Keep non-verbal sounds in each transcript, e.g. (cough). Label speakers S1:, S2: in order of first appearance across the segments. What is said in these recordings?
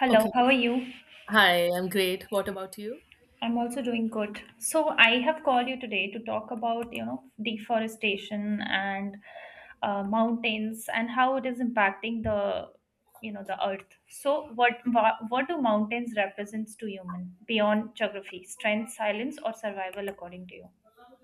S1: Hello,
S2: Okay.
S1: how are you?
S2: Hi, I'm great. What about you?
S1: I'm also doing good. So I have called you today to talk about, you know, deforestation and mountains and how it is impacting the earth. So what do mountains represents to human beyond geography, strength, silence, or survival, according to you?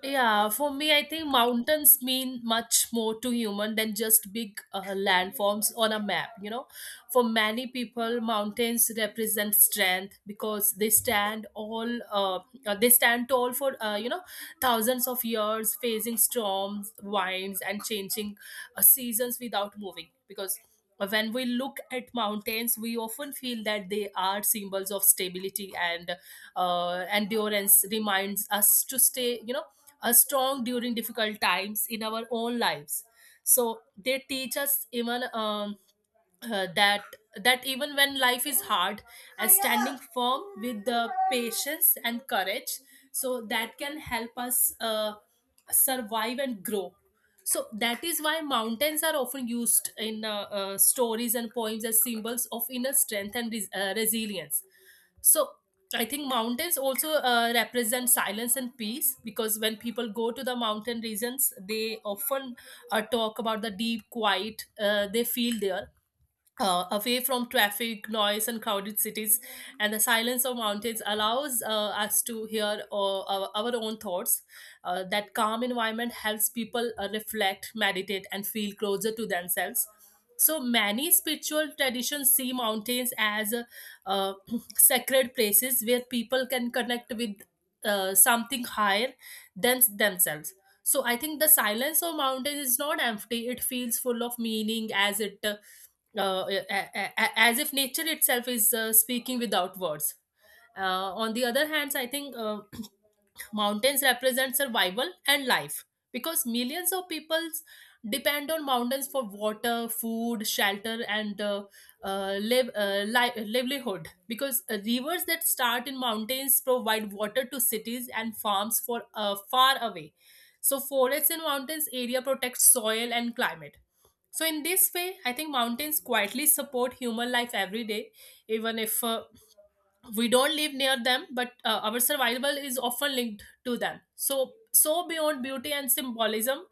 S2: Yeah, for me, I think mountains mean much more to human than just big landforms on a map. For many people, mountains represent strength because they stand all they stand tall for thousands of years, facing storms, winds, and changing seasons without moving. Because when we look at mountains, we often feel that they are symbols of stability and endurance. Reminds us to stay, strong during difficult times in our own lives, so they teach us even that that even when life is hard and standing firm with the patience and courage, so that can help us survive and grow. So that is why mountains are often used in stories and poems as symbols of inner strength and resilience. So I think mountains also represent silence and peace because when people go to the mountain regions, they often talk about the deep quiet they feel there, away from traffic, noise, and crowded cities, and the silence of mountains allows us to hear our own thoughts. That calm environment helps people reflect, meditate, and feel closer to themselves. So many spiritual traditions see mountains as uh, (clears throat) sacred places where people can connect with something higher than themselves. So I think the silence of mountains is not empty; it feels full of meaning as it a- as if nature itself is speaking without words. On the other hand, I think, (clears throat) mountains represent survival and life because millions of peoples depend on mountains for water, food, shelter, and livelihood. Because rivers that start in mountains provide water to cities and farms for far away. So forests in mountains area protect soil and climate, so, in this way, I think mountains quietly support human life every day, even if we don't live near them, but our survival is often linked to them. So, beyond beauty and symbolism,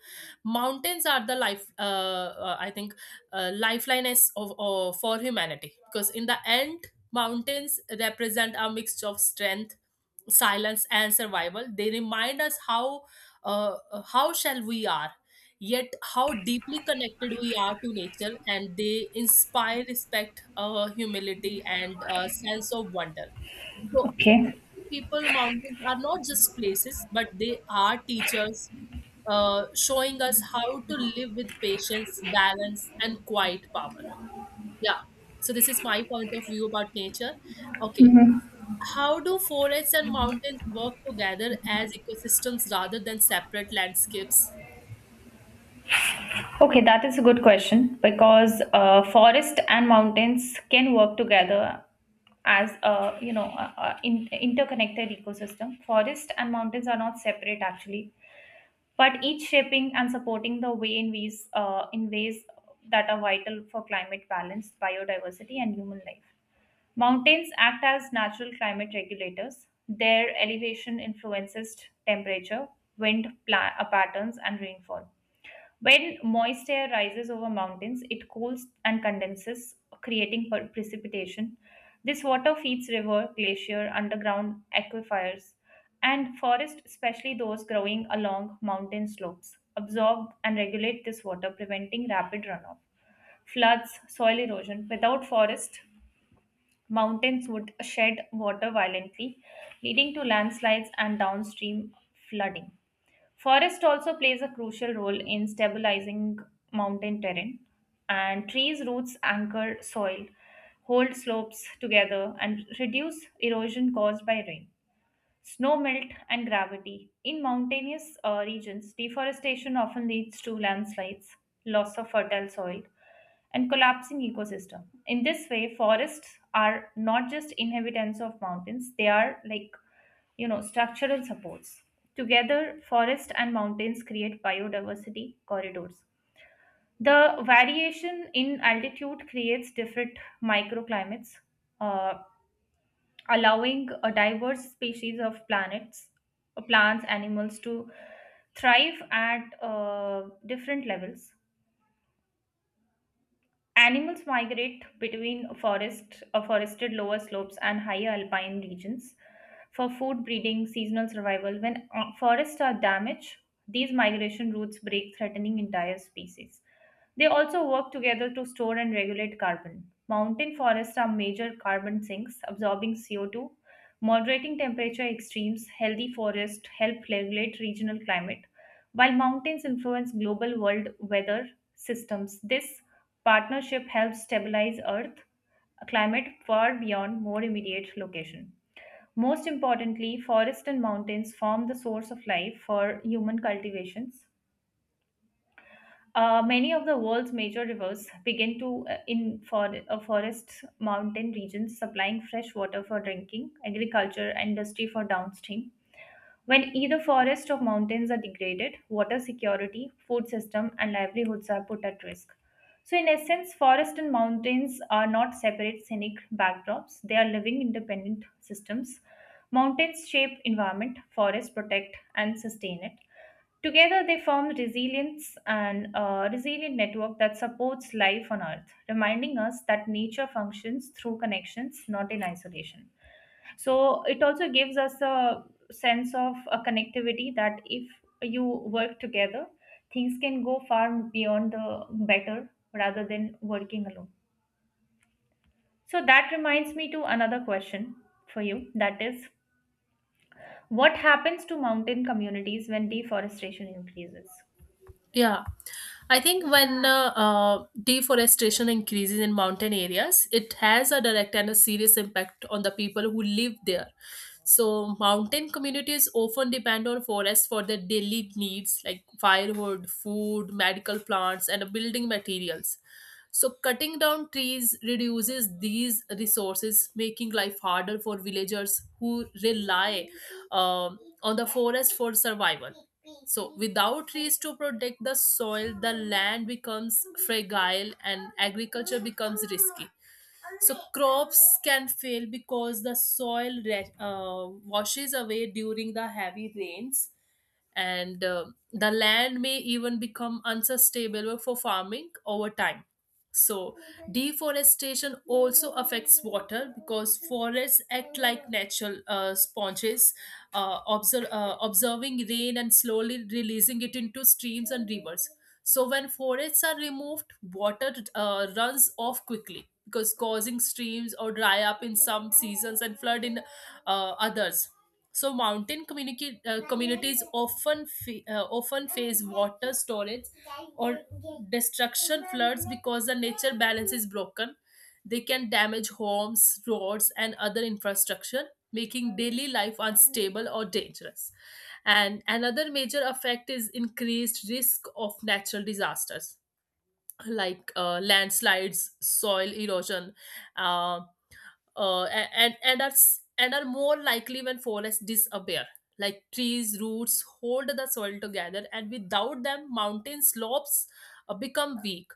S2: mountains are I think, lifeline for humanity. Because in the end, mountains represent a mixture of strength, silence, and survival. They remind us how shall we are. Yet, how deeply connected we are to nature, and they inspire respect, humility, and a sense of wonder. So, for
S1: Okay.
S2: many people, mountains are not just places, but they are teachers, showing us how to live with patience, balance, and quiet power. Yeah. So, this is my point of view about nature. Okay.
S1: Mhm.
S2: How do forests and mountains work together as ecosystems rather than separate landscapes?
S1: Okay, that is a good question because forest and mountains can work together as a you know a in, interconnected ecosystem. Forest and mountains are not separate actually, but each shaping and supporting the way in ways that are vital for climate balance, biodiversity, and human life. Mountains act as natural climate regulators. Their elevation influences temperature, patterns, and rainfall when moist air rises over mountains, it cools and condenses, creating precipitation. This water feeds river, glacier, underground aquifers, and forests, especially those growing along mountain slopes, absorb and regulate this water, preventing rapid runoff, floods, soil erosion. Without forests, mountains would shed water violently, leading to landslides and downstream flooding. Forest also plays a crucial role in stabilizing mountain terrain, and trees' roots anchor soil, hold slopes together, and reduce erosion caused by rain. Snow melt and gravity. In mountainous regions, deforestation often leads to landslides, loss of fertile soil, and collapsing ecosystem. In this way, forests are not just inhabitants of mountains, they are like, you know, structural supports. Together, forest and mountains create biodiversity corridors. The variation in altitude creates different microclimates. Uh, Allowing a diverse species of planets, plants, animals to thrive at different levels. Animals migrate between forested lower slopes and higher alpine regions for food, breeding, seasonal survival. When forests are damaged, these migration routes break, threatening entire species. They also work together to store and regulate carbon. Mountain forests are major carbon sinks, absorbing CO2. Moderating temperature extremes, healthy forests help regulate regional climate. While mountains influence global world weather systems, this partnership helps stabilize Earth climate far beyond more immediate location. Most importantly, forests and mountains form the source of life for human cultivations. Many of the world's major rivers begin to in for, forest mountain regions, supplying fresh water for drinking, agriculture, and industry for downstream. When either forests or mountains are degraded, water security, food system, and livelihoods are put at risk. So, in essence, forests and mountains are not separate scenic backdrops, they are living independent systems. Mountains shape environment, forests protect and sustain it. Together, they form resilience and a resilient network that supports life on Earth, reminding us that nature functions through connections, not in isolation. So it also gives us a sense of a connectivity that if you work together, things can go far beyond the better rather than working alone. So that reminds me to another question for you that is what happens to mountain communities when deforestation increases?
S2: Yeah, I think when deforestation increases in mountain areas, it has a direct and a serious impact on the people who live there. So, mountain communities often depend on forests for their daily needs like firewood, food, medical plants, and building materials. So, cutting down trees reduces these resources, making life harder for villagers who rely on the forest for survival. So, without trees to protect the soil, the land becomes fragile and agriculture becomes risky. So, crops can fail because the soil washes away during the heavy rains, and the land may even become unsustainable for farming over time. So deforestation also affects water because forests act like natural sponges, observing rain and slowly releasing it into streams and rivers. So when forests are removed, water runs off quickly because causing streams or dry up in some seasons and flood in others. So mountain communities often often face water storage or destruction floods because the nature balance is broken. They can damage homes, roads, and other infrastructure, making daily life unstable or dangerous. And another major effect is increased risk of natural disasters like landslides, soil erosion, uh, and are more likely when forests disappear. Like trees, roots hold the soil together, and without them, mountain slopes become weak.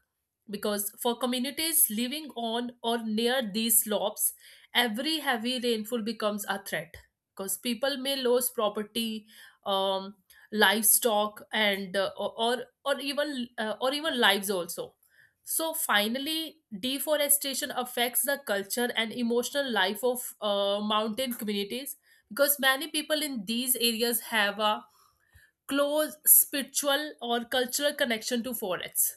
S2: Because for communities living on or near these slopes, every heavy rainfall becomes a threat. Because people may lose property, um, livestock, and or even lives also. So finally, deforestation affects the culture and emotional life of mountain communities because many people in these areas have a close spiritual or cultural connection to forests.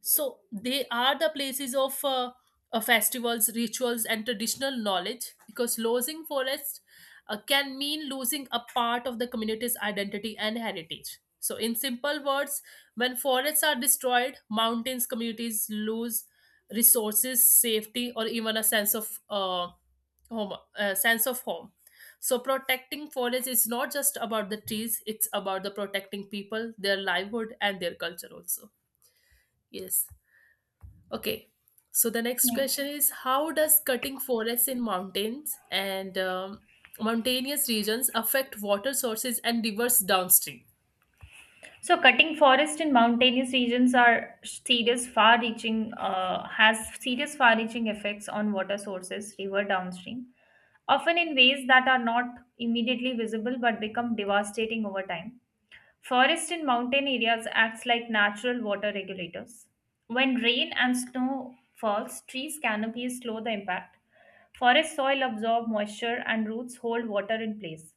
S2: So they are the places of festivals, rituals, and traditional knowledge. Because losing forest can mean losing a part of the community's identity and heritage. So in simple words, when forests are destroyed, mountains communities lose resources, safety, or even a sense of home sense of home. So protecting forests is not just about the trees, it's about the protecting people, their livelihood, and their culture also. Yes. Okay. So the next
S1: Yeah.
S2: question is how does cutting forests in mountains and mountainous regions affect water sources and rivers downstream?
S1: So cutting forest in mountainous regions are serious far reaching has serious far reaching effects on water sources river downstream often in ways that are not immediately visible but become devastating over time. Forest in mountain areas acts like natural water regulators. When rain and snow falls, trees canopies slow the impact. Forest soil absorb moisture and roots hold water in place.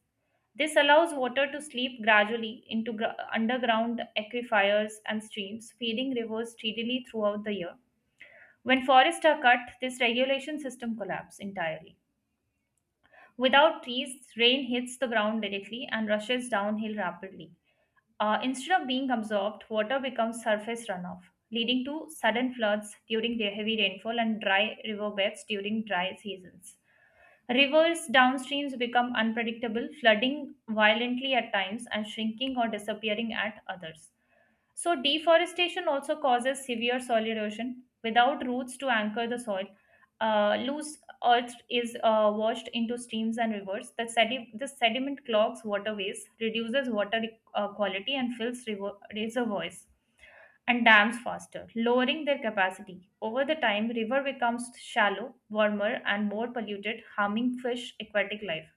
S1: This allows water to sleep gradually into underground aquifers and streams, feeding rivers steadily throughout the year. When forests are cut, this regulation system collapses entirely. Without trees, rain hits the ground directly and rushes downhill rapidly. Instead of being absorbed, water becomes surface runoff, leading to sudden floods during the heavy rainfall and dry riverbeds during dry seasons. Rivers downstreams become unpredictable, flooding violently at times and shrinking or disappearing at others. So, deforestation also causes severe soil erosion. Without roots to anchor the soil, loose earth is washed into streams and rivers. The sediment clogs waterways, reduces water quality, and fills reservoirs and dams faster, lowering their capacity. Over the time, river becomes shallow, warmer, and more polluted, harming fish, aquatic life.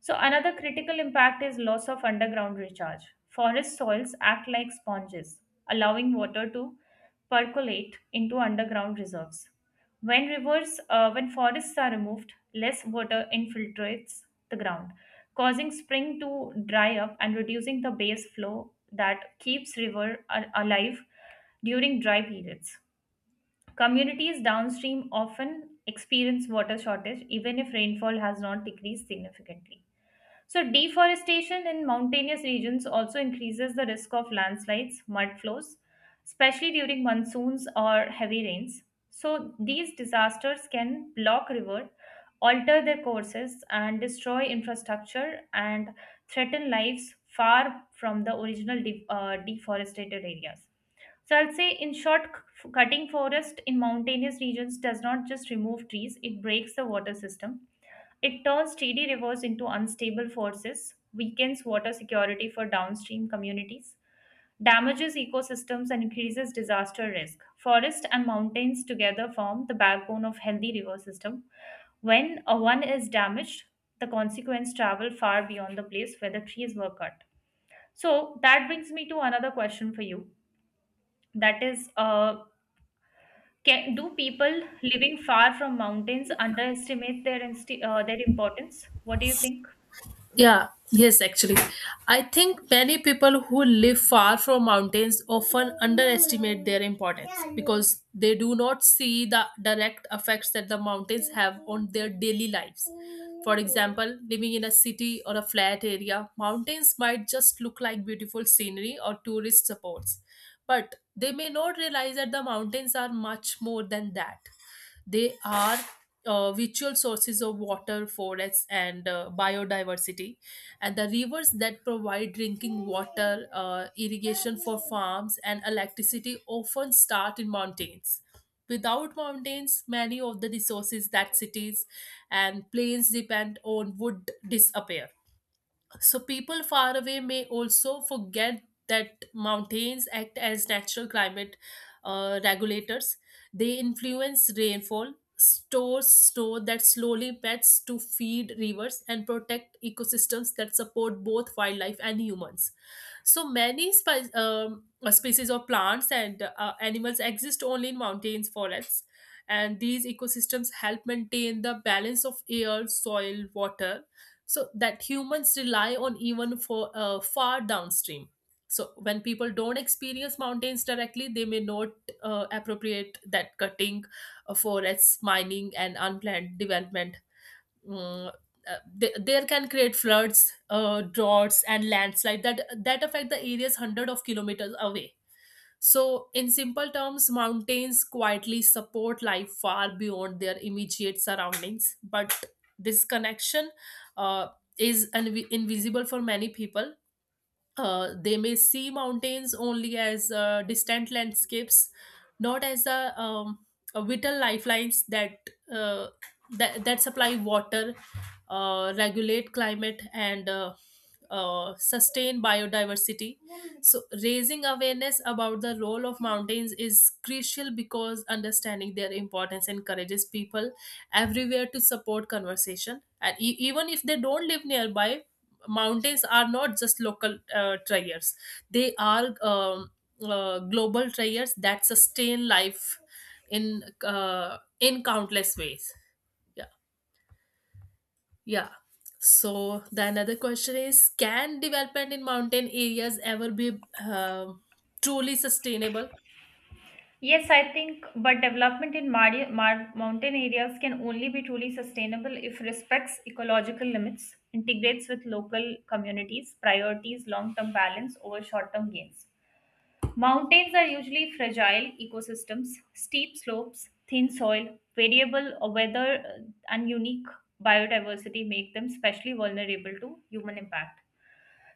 S1: So another critical impact is loss of underground recharge. Forest soils act like sponges, allowing water to percolate into underground reserves. When forests are removed, less water infiltrates the ground, causing spring to dry up and reducing the base flow that keeps river alive during dry periods. Communities downstream often experience water shortage even if rainfall has not decreased significantly. So, deforestation in mountainous regions also increases the risk of landslides, mud flows, especially during monsoons or heavy rains. So, these disasters can block rivers, alter their courses, and destroy infrastructure and threaten lives far from the original deforested areas. So I'll say, in short, cutting forest in mountainous regions does not just remove trees, it breaks the water system. It turns steady rivers into unstable forces, weakens water security for downstream communities, damages ecosystems, and increases disaster risk. Forest and mountains together form the backbone of healthy river system. When a one is damaged, the consequence travel far beyond the place where the trees were cut. So that brings me to another question for you that is Can, do people living far from mountains underestimate their their importance? What do you think?
S2: Yeah, yes, actually. I think many people who live far from mountains often underestimate their importance because they do not see the direct effects that the mountains have on their daily lives. For example, living in a city or a flat area, mountains might just look like beautiful scenery or tourist supports, but they may not realize that the mountains are much more than that. They are virtual sources of water, forests, and biodiversity. And the rivers that provide drinking water, irrigation for farms, and electricity often start in mountains. Without mountains, many of the resources that cities and plains depend on would disappear. So people far away may also forget that mountains act as natural climate regulators. They influence rainfall, store snow that slowly melts to feed rivers, and protect ecosystems that support both wildlife and humans. So many species of plants and animals exist only in mountains, forests, and these ecosystems help maintain the balance of air, soil, water, so that humans rely on even for far downstream. So when people don't experience mountains directly, they may not appropriate that cutting forests, mining, and unplanned development, mm, there can create floods, droughts, and landslide that that affect the areas hundred of kilometers away. So, in simple terms, mountains quietly support life far beyond their immediate surroundings. But this connection uh, is invisible for many people. They may see mountains only as distant landscapes, not as a vital lifelines that, uh, that supply water, regulate climate, and sustain biodiversity. So, raising awareness about the role of mountains is crucial because understanding their importance encourages people everywhere to support conversation. And even if they don't live nearby, mountains are not just local triers, they are global triers that sustain life in countless ways. Yeah. Yeah. So the another question is, can development in mountain areas ever be truly sustainable?
S1: Yes, I think, but development in mountain areas can only be truly sustainable if respects ecological limits, integrates with local communities, priorities long-term balance over short-term gains. Mountains are usually fragile ecosystems, steep slopes, thin soil, variable weather, and unique biodiversity make them especially vulnerable to human impact.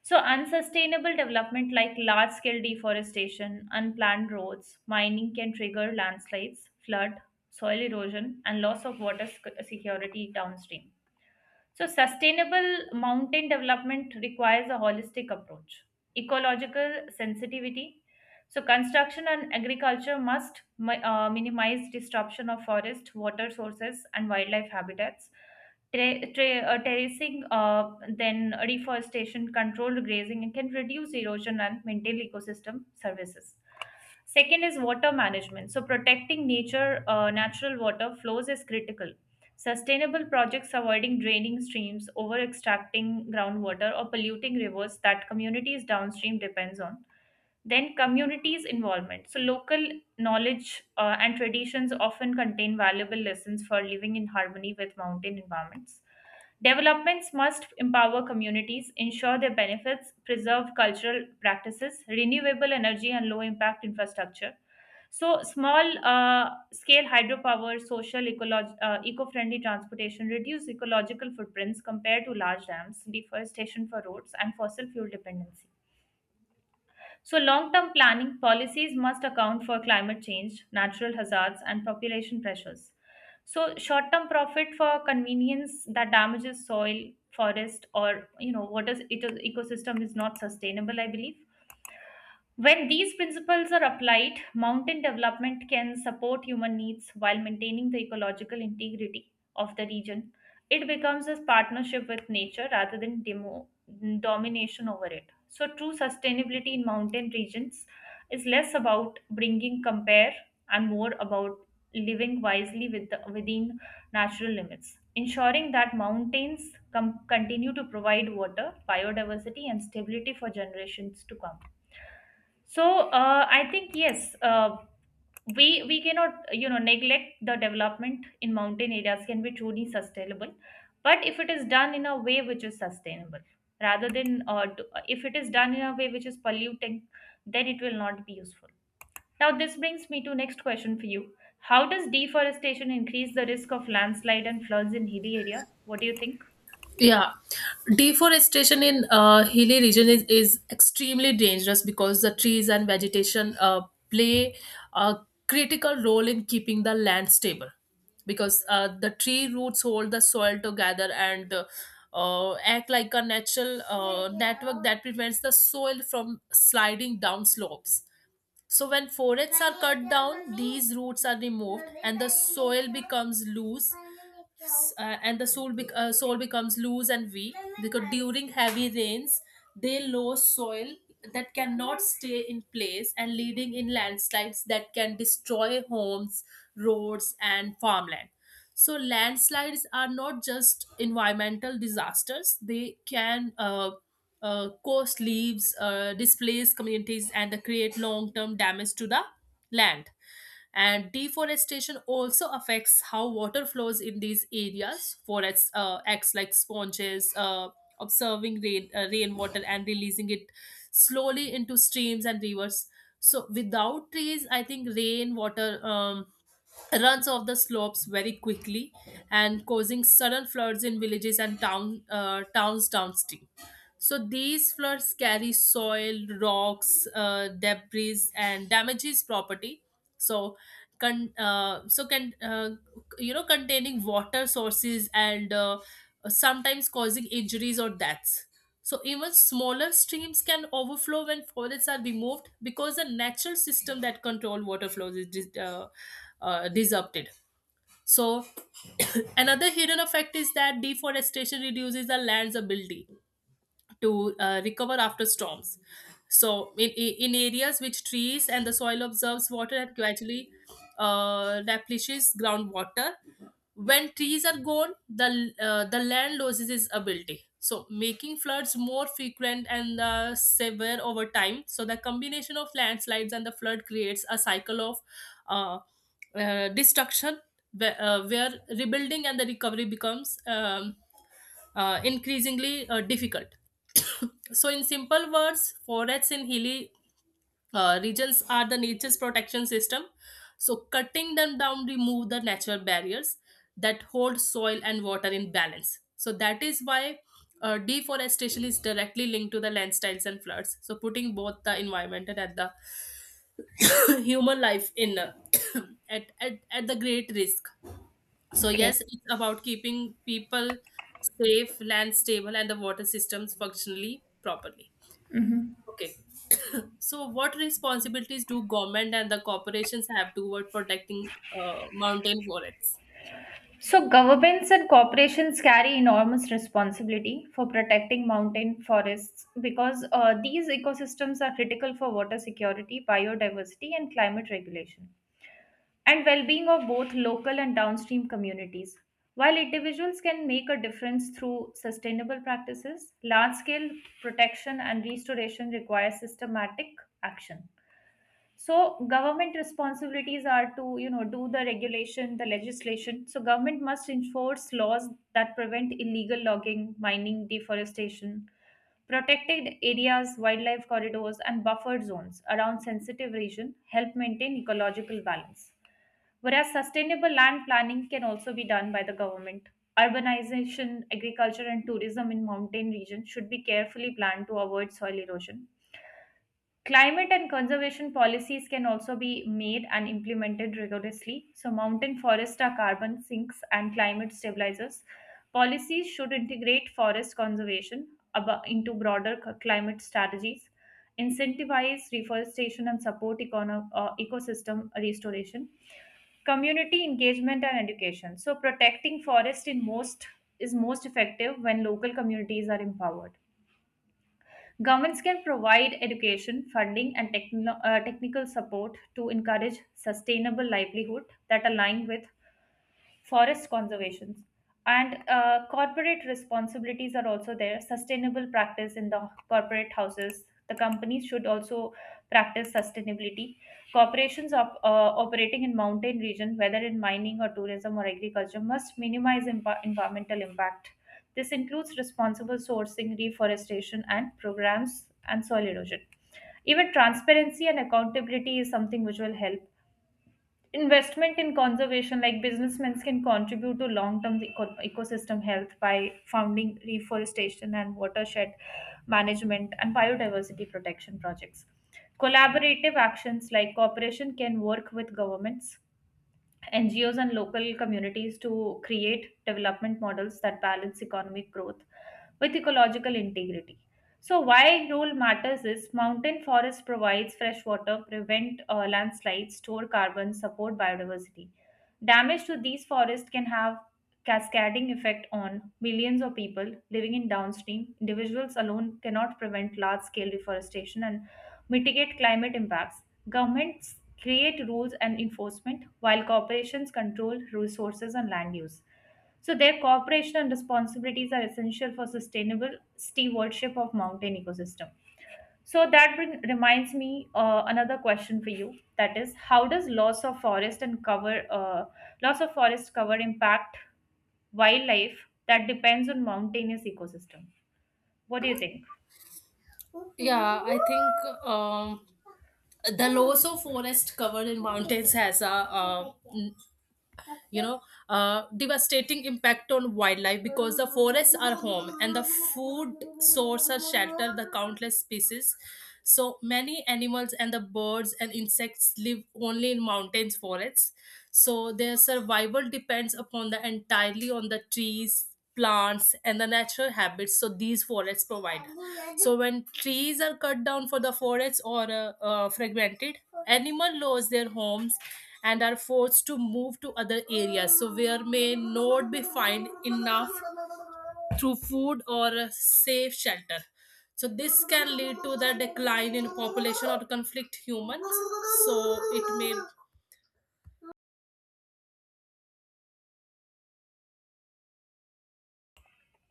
S1: So, unsustainable development like large scale deforestation, unplanned roads, mining can trigger landslides, flood, soil erosion, and loss of water security downstream. So, sustainable mountain development requires a holistic approach, ecological sensitivity. So, construction and agriculture must minimize disruption of forest, water sources, and wildlife habitats. Terracing, then reforestation, controlled grazing, and can reduce erosion and maintain ecosystem services. Second is water management. So, protecting natural water flows is critical. Sustainable projects avoiding draining streams, over extracting groundwater, or polluting rivers that communities downstream depends on. Then, communities' involvement. So, local knowledge and traditions often contain valuable lessons for living in harmony with mountain environments. Developments must empower communities, ensure their benefits, preserve cultural practices, renewable energy, and low impact infrastructure. So, small scale hydropower, social, eco friendly transportation reduce ecological footprints compared to large dams, deforestation for roads, and fossil fuel dependency. So, long term planning policies must account for climate change, natural hazards, and population pressures. So short-term profit for convenience that damages soil, forest, or you know, water ecosystem is not sustainable, I believe. When these principles are applied, mountain development can support human needs while maintaining the ecological integrity of the region. It becomes a partnership with nature rather than domination over it. So, true sustainability in mountain regions is less about bringing compare and more about living wisely with the, within natural limits, ensuring that mountains continue to provide water, biodiversity, and stability for generations to come. So I think yes, we cannot you know neglect the development in mountain areas can be truly sustainable, but if it is done in a way which is sustainable, rather than if it is done in a way which is polluting, then it will not be useful. Now this brings me to next question for you. How does deforestation increase the risk of landslide and floods in hilly area? What do you think?
S2: Yeah, deforestation in hilly region is extremely dangerous because the trees and vegetation play a critical role in keeping the land stable. Because the tree roots hold the soil together and act like a natural network that prevents the soil from sliding down slopes. So, when forests are cut down, these roots are removed and the soil becomes loose. S- and the soil, bec- soil becomes loose and weak because during heavy rains they lose soil that cannot stay in place and leading in landslides that can destroy homes, roads, and farmland. So landslides are not just environmental disasters; they can cost leaves, displace communities, and create long-term damage to the land. And deforestation also affects how water flows in these areas. Forests acts like sponges, observing rainwater and releasing it slowly into streams and rivers. So without trees, I think rainwater runs off the slopes very quickly and causing sudden floods in villages and towns downstream. So these floods carry soil, rocks, debris, and damages property. So, so can containing water sources and sometimes causing injuries or deaths. So even smaller streams can overflow when forests are removed because the natural system that control water flows is disrupted. So (coughs) (clears throat) another hidden effect is that deforestation reduces the land's ability to recover after storms. So, in areas which trees and the soil absorbs water and gradually replenishes groundwater, when trees are gone, the land loses its ability. So, making floods more frequent and severe over time. So, the combination of landslides and the flood creates a cycle of uh, destruction where rebuilding and the recovery becomes increasingly difficult. (coughs) So, in simple words, forests in hilly regions are the nature's protection system. So, cutting them down remove the natural barriers that hold soil and water in balance. So, that is why deforestation is directly linked to the landslides and floods. So, putting both the environment and at the (coughs) human life in (coughs) at the great risk. So
S1: Okay.
S2: yes, it's about keeping people safe, land stable, and the water systems functionally properly.
S1: Mhm.
S2: Okay. So what responsibilities do government and the corporations have toward protecting mountain forests?
S1: So, governments and corporations carry enormous responsibility for protecting mountain forests because these ecosystems are critical for water security, biodiversity, and climate regulation, and well being of both local and downstream communities. While individuals can make a difference through sustainable practices, large scale protection and restoration require systematic action so government responsibilities are to you know do the regulation the legislation so government must enforce laws that prevent illegal logging mining deforestation protected areas wildlife corridors and buffered zones around sensitive region help maintain ecological balance whereas sustainable land planning can also be done by the government urbanization agriculture and tourism in mountain regions should be carefully planned to avoid soil erosion Climate and conservation policies can also be made and implemented rigorously. So, mountain forests are carbon sinks and climate stabilizers. Policies should integrate forest conservation into broader climate strategies, incentivize reforestation, and support ecosystem restoration. Community engagement and education. So, protecting forest in most is most effective when local communities are empowered. Governments can provide education, funding, and technical support to encourage sustainable livelihood that align with forest conservations. And corporate responsibilities are also there. Sustainable practice in the corporate houses, the companies should also practice sustainability. Corporations operating in mountain region, whether in mining or tourism or agriculture, must minimize environmental impact. This includes responsible sourcing, reforestation and programs, and soil erosion. Even transparency and accountability is something which will help. Investment in conservation, like businessmen can contribute to long-term ecosystem health by funding reforestation and watershed management and biodiversity protection projects. Collaborative actions like cooperation can work with governments, NGOs, and local communities to create development models that balance economic growth with ecological integrity. So, why role matters is mountain forest provides fresh water, prevent landslides, store carbon, support biodiversity. Damage to these forests can have cascading effect on millions of people living in downstream. Individuals alone cannot prevent large-scale deforestation and mitigate climate impacts. Governments create rules and enforcement while corporations control resources and land use. So their cooperation and responsibilities are essential for sustainable stewardship of mountain ecosystem. So reminds me another question for you. That is, how does loss of forest and cover loss of forest cover impact wildlife that depends on mountainous ecosystem? What do you think?
S2: Yeah, I think the loss of forest covered in mountains has a you know devastating impact on wildlife because the forests are home and the food source are shelter the countless species. So many animals and the birds and insects live only in mountains forests, so their survival depends upon the entirely on the trees, plants, and the natural habits. So these forests provide, so when trees are cut down for the forests or fragmented, animal lose their homes and are forced to move to other areas so where may not be find enough through food or safe shelter. So this can lead to the decline in population or conflict humans, so it may.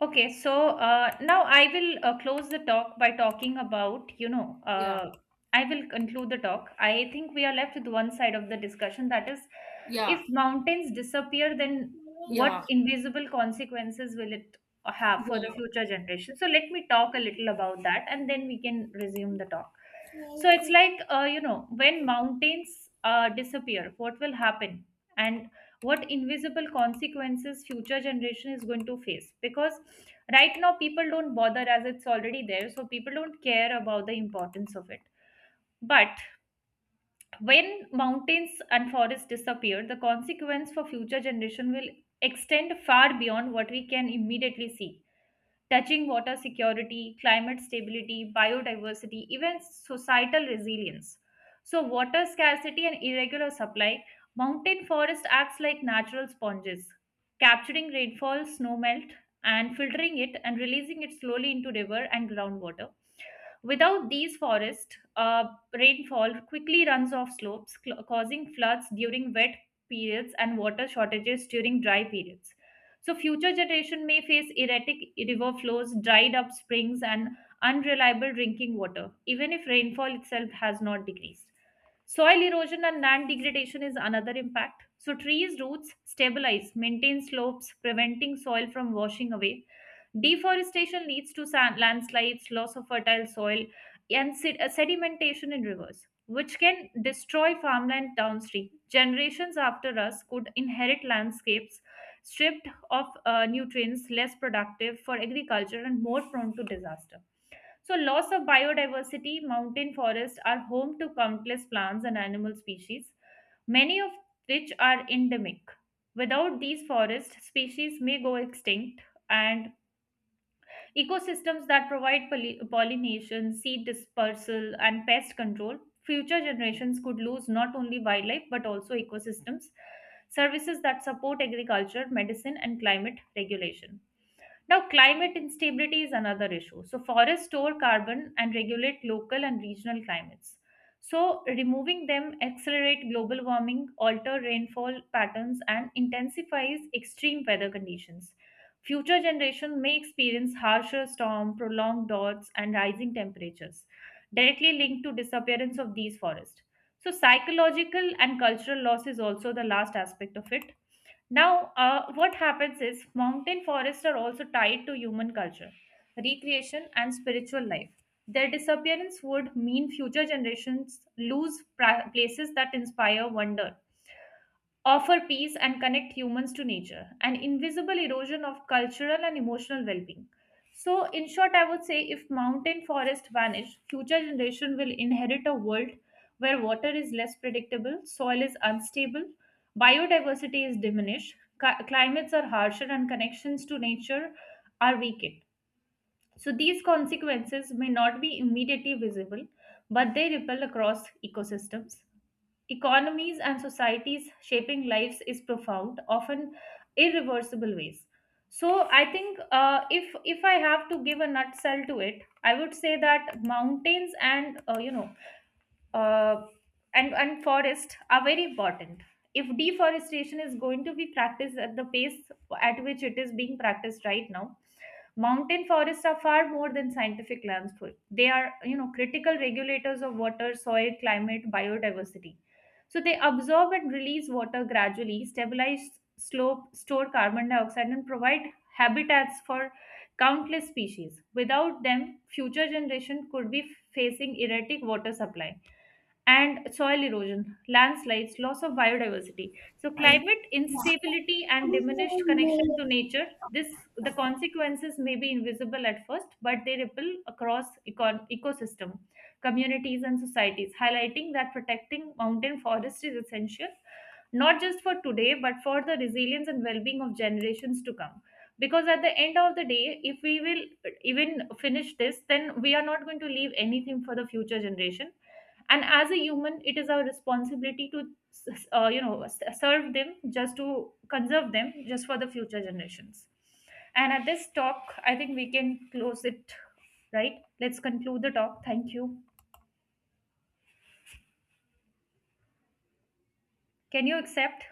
S1: Okay, so now I will close the talk by talking about, you know,
S2: Yeah.
S1: I will conclude the talk. I think we are left with one side of the discussion, that is,
S2: Yeah.
S1: if mountains disappear, then
S2: Yeah.
S1: what invisible consequences will it have for the future generation? So let me talk a little about that and then we can resume the talk. So it's like, you know, when mountains disappear, what will happen? And what invisible consequences future generation is going to face, because right now people don't bother as it's already there, so people don't care about the importance of it. But when mountains and forests disappear, the consequence for future generation will extend far beyond what we can immediately see, touching water security, climate stability, biodiversity, even societal resilience. So, water scarcity and irregular supply, mountain forest acts like natural sponges, capturing rainfall, snowmelt, and filtering it and releasing it slowly into river and groundwater. Without these forests, rainfall quickly runs off slopes, causing floods during wet periods and water shortages during dry periods. So future generation may face erratic river flows, dried up springs and unreliable drinking water, even if rainfall itself has not decreased. Soil erosion and land degradation is another impact. So trees roots stabilize, maintain slopes, preventing soil from washing away. Deforestation leads to sand, landslides, loss of fertile soil, and sedimentation in rivers, which can destroy farmland downstream. Generations after us could inherit landscapes stripped of nutrients, less productive for agriculture, and more prone to disaster. So, loss of biodiversity, mountain forests are home to countless plants and animal species, many of which are endemic. Without these forests, species may go extinct, and ecosystems that provide pollination, seed dispersal, and pest control. Future generations could lose not only wildlife but also ecosystems. Services that support agriculture, medicine, and climate regulation. Now, climate instability is another issue. So, forests store carbon and regulate local and regional climates. So, removing them accelerate global warming, alter rainfall patterns, and intensifies extreme weather conditions. Future generations may experience harsher storm, prolonged droughts, and rising temperatures, directly linked to disappearance of these forests. So, psychological and cultural loss is also the last aspect of it. Now, what happens is mountain forests are also tied to human culture, recreation, and spiritual life. Their disappearance would mean future generations lose places that inspire wonder, offer peace and connect humans to nature, an invisible erosion of cultural and emotional well being. So, in short, I would say if mountain forests vanish, future generation will inherit a world where water is less predictable, soil is unstable, biodiversity is diminished, climates are harsher, and connections to nature are weakened. So, these consequences may not be immediately visible, but they ripple across ecosystems, economies and societies, shaping lives is profound often irreversible ways. So I think , if I have to give a nutshell to it, I would say that mountains and uh, forest are very important. If deforestation is going to be practiced at the pace at which it is being practiced right now. Mountain forests are far more than scientific lands. They are, you know, critical regulators of water, soil, climate, biodiversity. So they absorb and release water gradually, stabilize slope, store carbon dioxide, and provide habitats for countless species. Without them, future generation could be facing erratic water supply and soil erosion, landslides, loss of biodiversity. So climate instability and diminished connection to
S2: Yeah.
S1: nature, this, the consequences may be invisible at first, but they ripple across ecosystem, communities and societies, highlighting that protecting mountain forest is essential not just for today but for the resilience and well-being of generations to come. Because at the end of the day, if we will even finish this, then we are not going to leave anything for the future generation. And as a human, it is our responsibility to you know, serve them, just to conserve them just for the future generations. And at this talk, I think we can close it. Right, let's conclude the talk. Thank you. Can you accept?